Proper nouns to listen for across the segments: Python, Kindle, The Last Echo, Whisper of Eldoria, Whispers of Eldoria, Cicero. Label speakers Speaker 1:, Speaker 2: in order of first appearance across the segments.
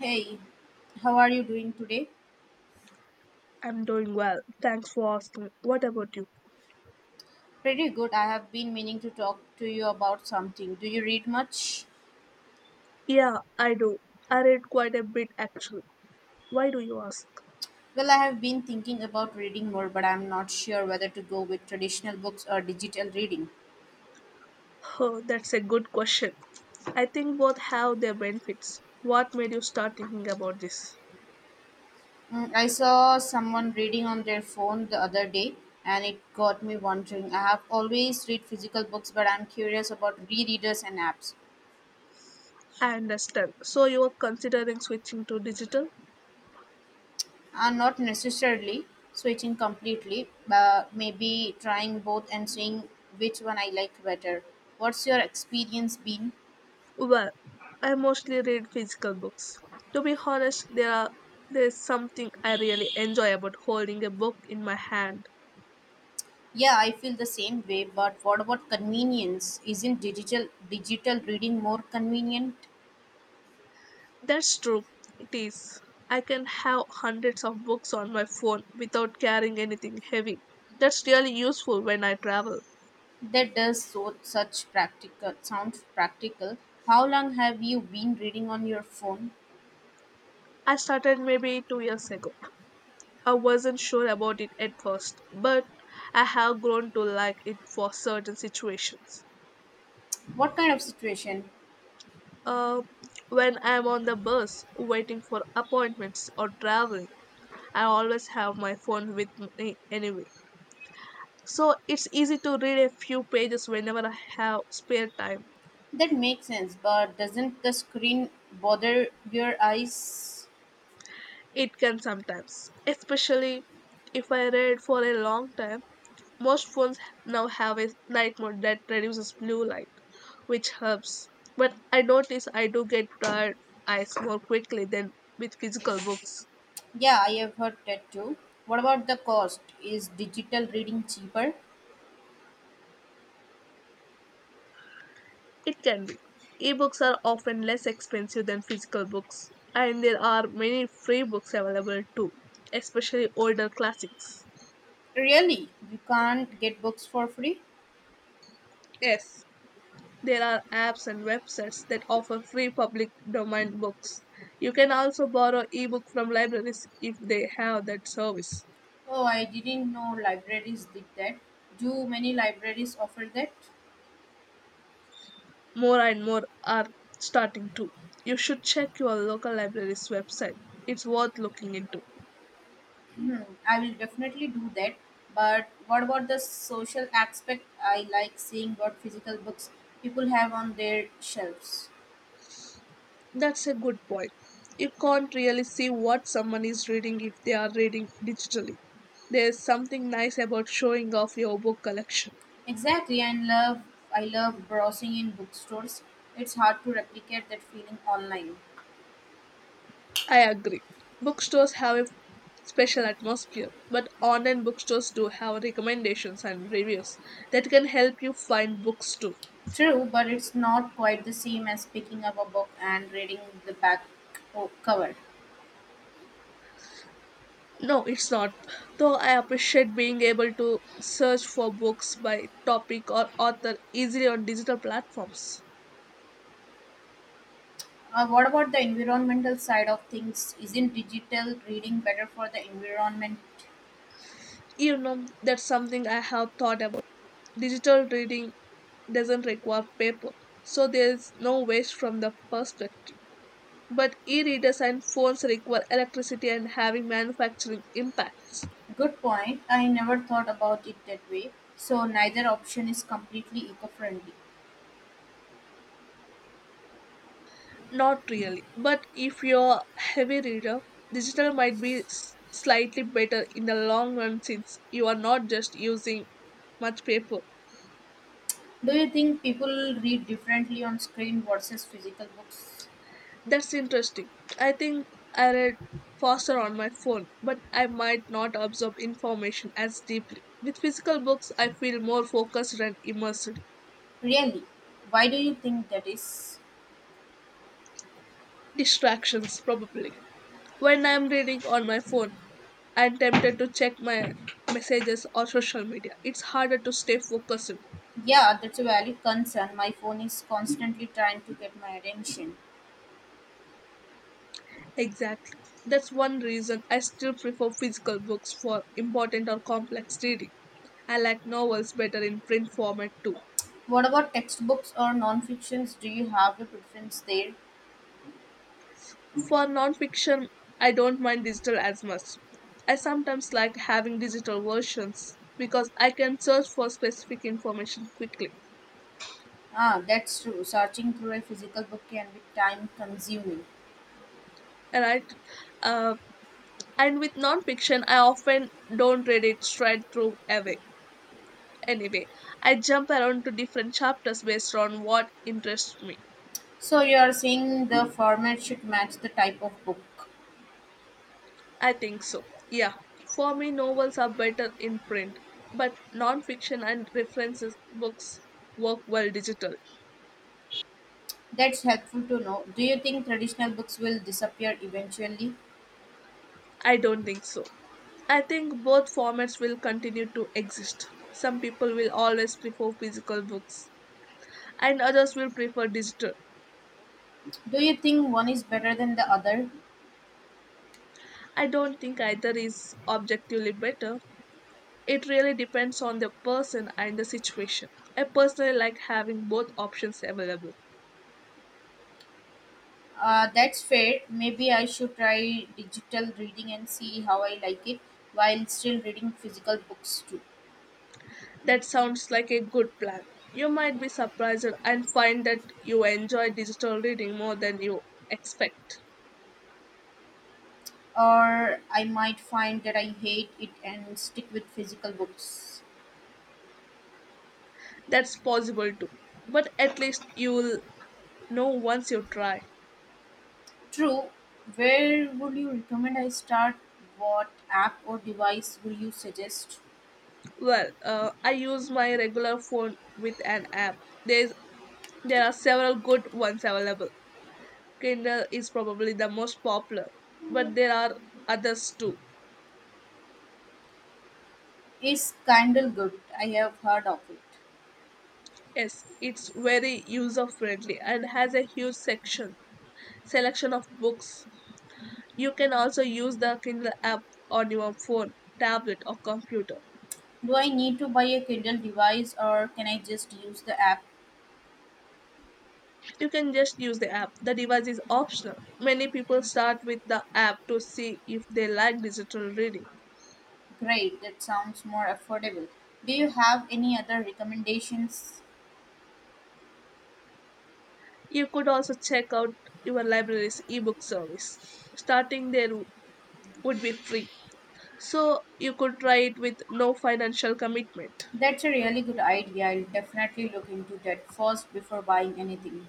Speaker 1: Hey, how are you doing today?
Speaker 2: I'm doing well. Thanks for asking. What about you?
Speaker 1: Pretty good. I have been meaning to talk to you about something. Do you read much?
Speaker 2: Yeah, I do. I read quite a bit actually. Why do you ask?
Speaker 1: Well, I have been thinking about reading more, but I'm not sure whether to go with traditional books or digital reading.
Speaker 2: Oh, that's a good question. I think both have their benefits. What made you start thinking about this?
Speaker 1: Mm, I saw someone reading on their phone the other day, and it got me wondering. I have always read physical books, but I'm curious about e-readers and apps.
Speaker 2: I understand. So you are considering switching to digital?
Speaker 1: Are not necessarily switching completely, but maybe trying both and seeing which one I like better. What's your experience been?
Speaker 2: Well, I mostly read physical books. To be honest, there's something I really enjoy about holding a book in my hand.
Speaker 1: Yeah, I feel the same way, but what about convenience? Isn't digital reading more convenient?
Speaker 2: That's true. It is. I can have hundreds of books on my phone without carrying anything heavy. That's really useful when I travel.
Speaker 1: That does so such practical sounds practical. How long have you been reading on your phone?
Speaker 2: I started maybe 2 years ago. I wasn't sure about it at first, but I have grown to like it for certain situations.
Speaker 1: What kind of situation?
Speaker 2: Uh, when I'm on the bus, waiting for appointments, or traveling, I always have my phone with me anyway. So it's easy to read a few pages whenever I have spare time.
Speaker 1: That makes sense, but doesn't the screen bother your eyes?
Speaker 2: It can sometimes, especially if I read for a long time. Most phones now have a night mode that reduces blue light, which helps. But I notice I do get tired eyes more quickly than with physical books.
Speaker 1: Yeah, I have heard that too. What about the cost? Is digital reading cheaper?
Speaker 2: It can be. Ebooks are often less expensive than physical books, and there are many free books available too, especially older classics.
Speaker 1: Really? You can't get books for free?
Speaker 2: Yes, there are apps and websites that offer free public domain books. You can also borrow ebooks from libraries if they have that service.
Speaker 1: Oh, I didn't know libraries did that. Do many libraries offer that?
Speaker 2: More and more are starting to. You should check your local library's website. It's worth looking into.
Speaker 1: Hmm, I will definitely do that. But what about the social aspect? I like seeing what physical books people have on their shelves.
Speaker 2: That's a good point. You can't really see what someone is reading if they are reading digitally. There's something nice about showing off your book collection.
Speaker 1: Exactly, and love I love browsing in bookstores. It's hard to replicate that feeling online.
Speaker 2: I agree. Bookstores have a special atmosphere, but online bookstores do have recommendations and reviews that can help you find books too.
Speaker 1: True, but it's not quite the same as picking up a book and reading the back cover.
Speaker 2: No, it's not. Though I appreciate being able to search for books by topic or author easily on digital platforms.
Speaker 1: What about the environmental side of things? Isn't digital reading better for the environment?
Speaker 2: You know, that's something I have thought about. Digital reading doesn't require paper, so there's no waste from the perspective, but e-readers and phones require electricity and having manufacturing impacts.
Speaker 1: Good point. I never thought about it that way. So neither option is completely eco friendly.
Speaker 2: Not really, but if you're a heavy reader, digital might be slightly better in the long run since you are not just using much paper.
Speaker 1: Do you think people read differently on screen versus physical books?
Speaker 2: That's interesting. I think I read faster on my phone, but I might not absorb information as deeply. With physical books, I feel more focused and immersed.
Speaker 1: Really? Why do you think that is?
Speaker 2: Distractions, probably. When I'm reading on my phone, I'm tempted to check my messages or social media. It's harder to stay focused.
Speaker 1: Yeah, that's a valid concern. My phone is constantly trying to get my attention.
Speaker 2: Exactly. That's one reason I still prefer physical books for important or complex reading. I like novels better in print format too.
Speaker 1: What about textbooks or non-fictions? Do you have a preference there?
Speaker 2: For non-fiction, I don't mind digital as much. I sometimes like having digital versions because I can search for specific information quickly.
Speaker 1: Ah, that's true. Searching through a physical book can be time-consuming.
Speaker 2: Alright, uh, and with non-fiction, I often don't read it straight through away. Anyway, I jump around to different chapters based on what interests me.
Speaker 1: So you are saying the format should match the type of book.
Speaker 2: I think so. Yeah, for me, novels are better in print, but non-fiction and references books work well digital.
Speaker 1: That's helpful to know. Do you think traditional books will disappear eventually?
Speaker 2: I don't think so. I think both formats will continue to exist. Some people will always prefer physical books, and others will prefer digital.
Speaker 1: Do you think one is better than the other?
Speaker 2: I don't think either is objectively better, it really depends on the person and the situation. I personally like having both options available.
Speaker 1: That's fair. Maybe I should try digital reading and see how I like it while still reading physical books too.
Speaker 2: That sounds like a good plan. You might be surprised and find that you enjoy digital reading more than you expect.
Speaker 1: Or I might find that I hate it and stick with physical books.
Speaker 2: That's possible too. But at least you'll know once you try.
Speaker 1: True. Where would you recommend I start? What app or device would you suggest?
Speaker 2: Well, I use my regular phone with an app. There's, there are several good ones available. Kindle is probably the most popular, but there are others too.
Speaker 1: Is Kindle good? I have heard of it.
Speaker 2: Yes, it's very user friendly and has a huge section selection of books. You can also use the Kindle app on your phone, tablet or computer.
Speaker 1: Do I need to buy a Kindle device or can I just use the app?
Speaker 2: You can just use the app. The device is optional. Many people start with the app to see if they like digital reading.
Speaker 1: Great, that sounds more affordable. Do you have any other recommendations?
Speaker 2: You could also check out your library's ebook service. Starting there would be free. So you could try it with no financial commitment.
Speaker 1: That's a really good idea. I'll definitely look into that first before buying anything.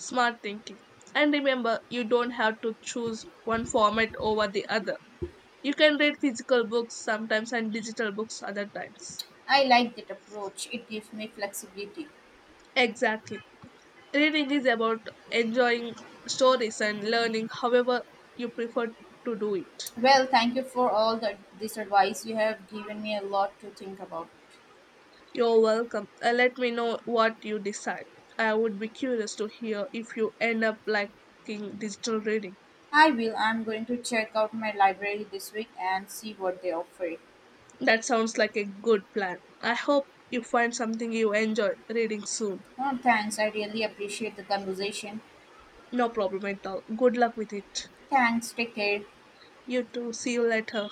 Speaker 2: Smart thinking. And remember, you don't have to choose one format over the other. You can read physical books sometimes and digital books other times.
Speaker 1: I like that approach. It gives me flexibility.
Speaker 2: Exactly. Reading is about enjoying stories and learning however you prefer to do it.
Speaker 1: Well, thank you for all this advice. You have given me a lot to think about.
Speaker 2: You're welcome. Let me know what you decide. I would be curious to hear if you end up liking digital reading.
Speaker 1: I will. I'm going to check out my library this week and see what they offer.
Speaker 2: That sounds like a good plan. I hope you find something you enjoy reading soon.
Speaker 1: Oh, thanks. I really appreciate the conversation.
Speaker 2: No problem at all. Good luck with it.
Speaker 1: Thanks. Take care.
Speaker 2: You too. See you later.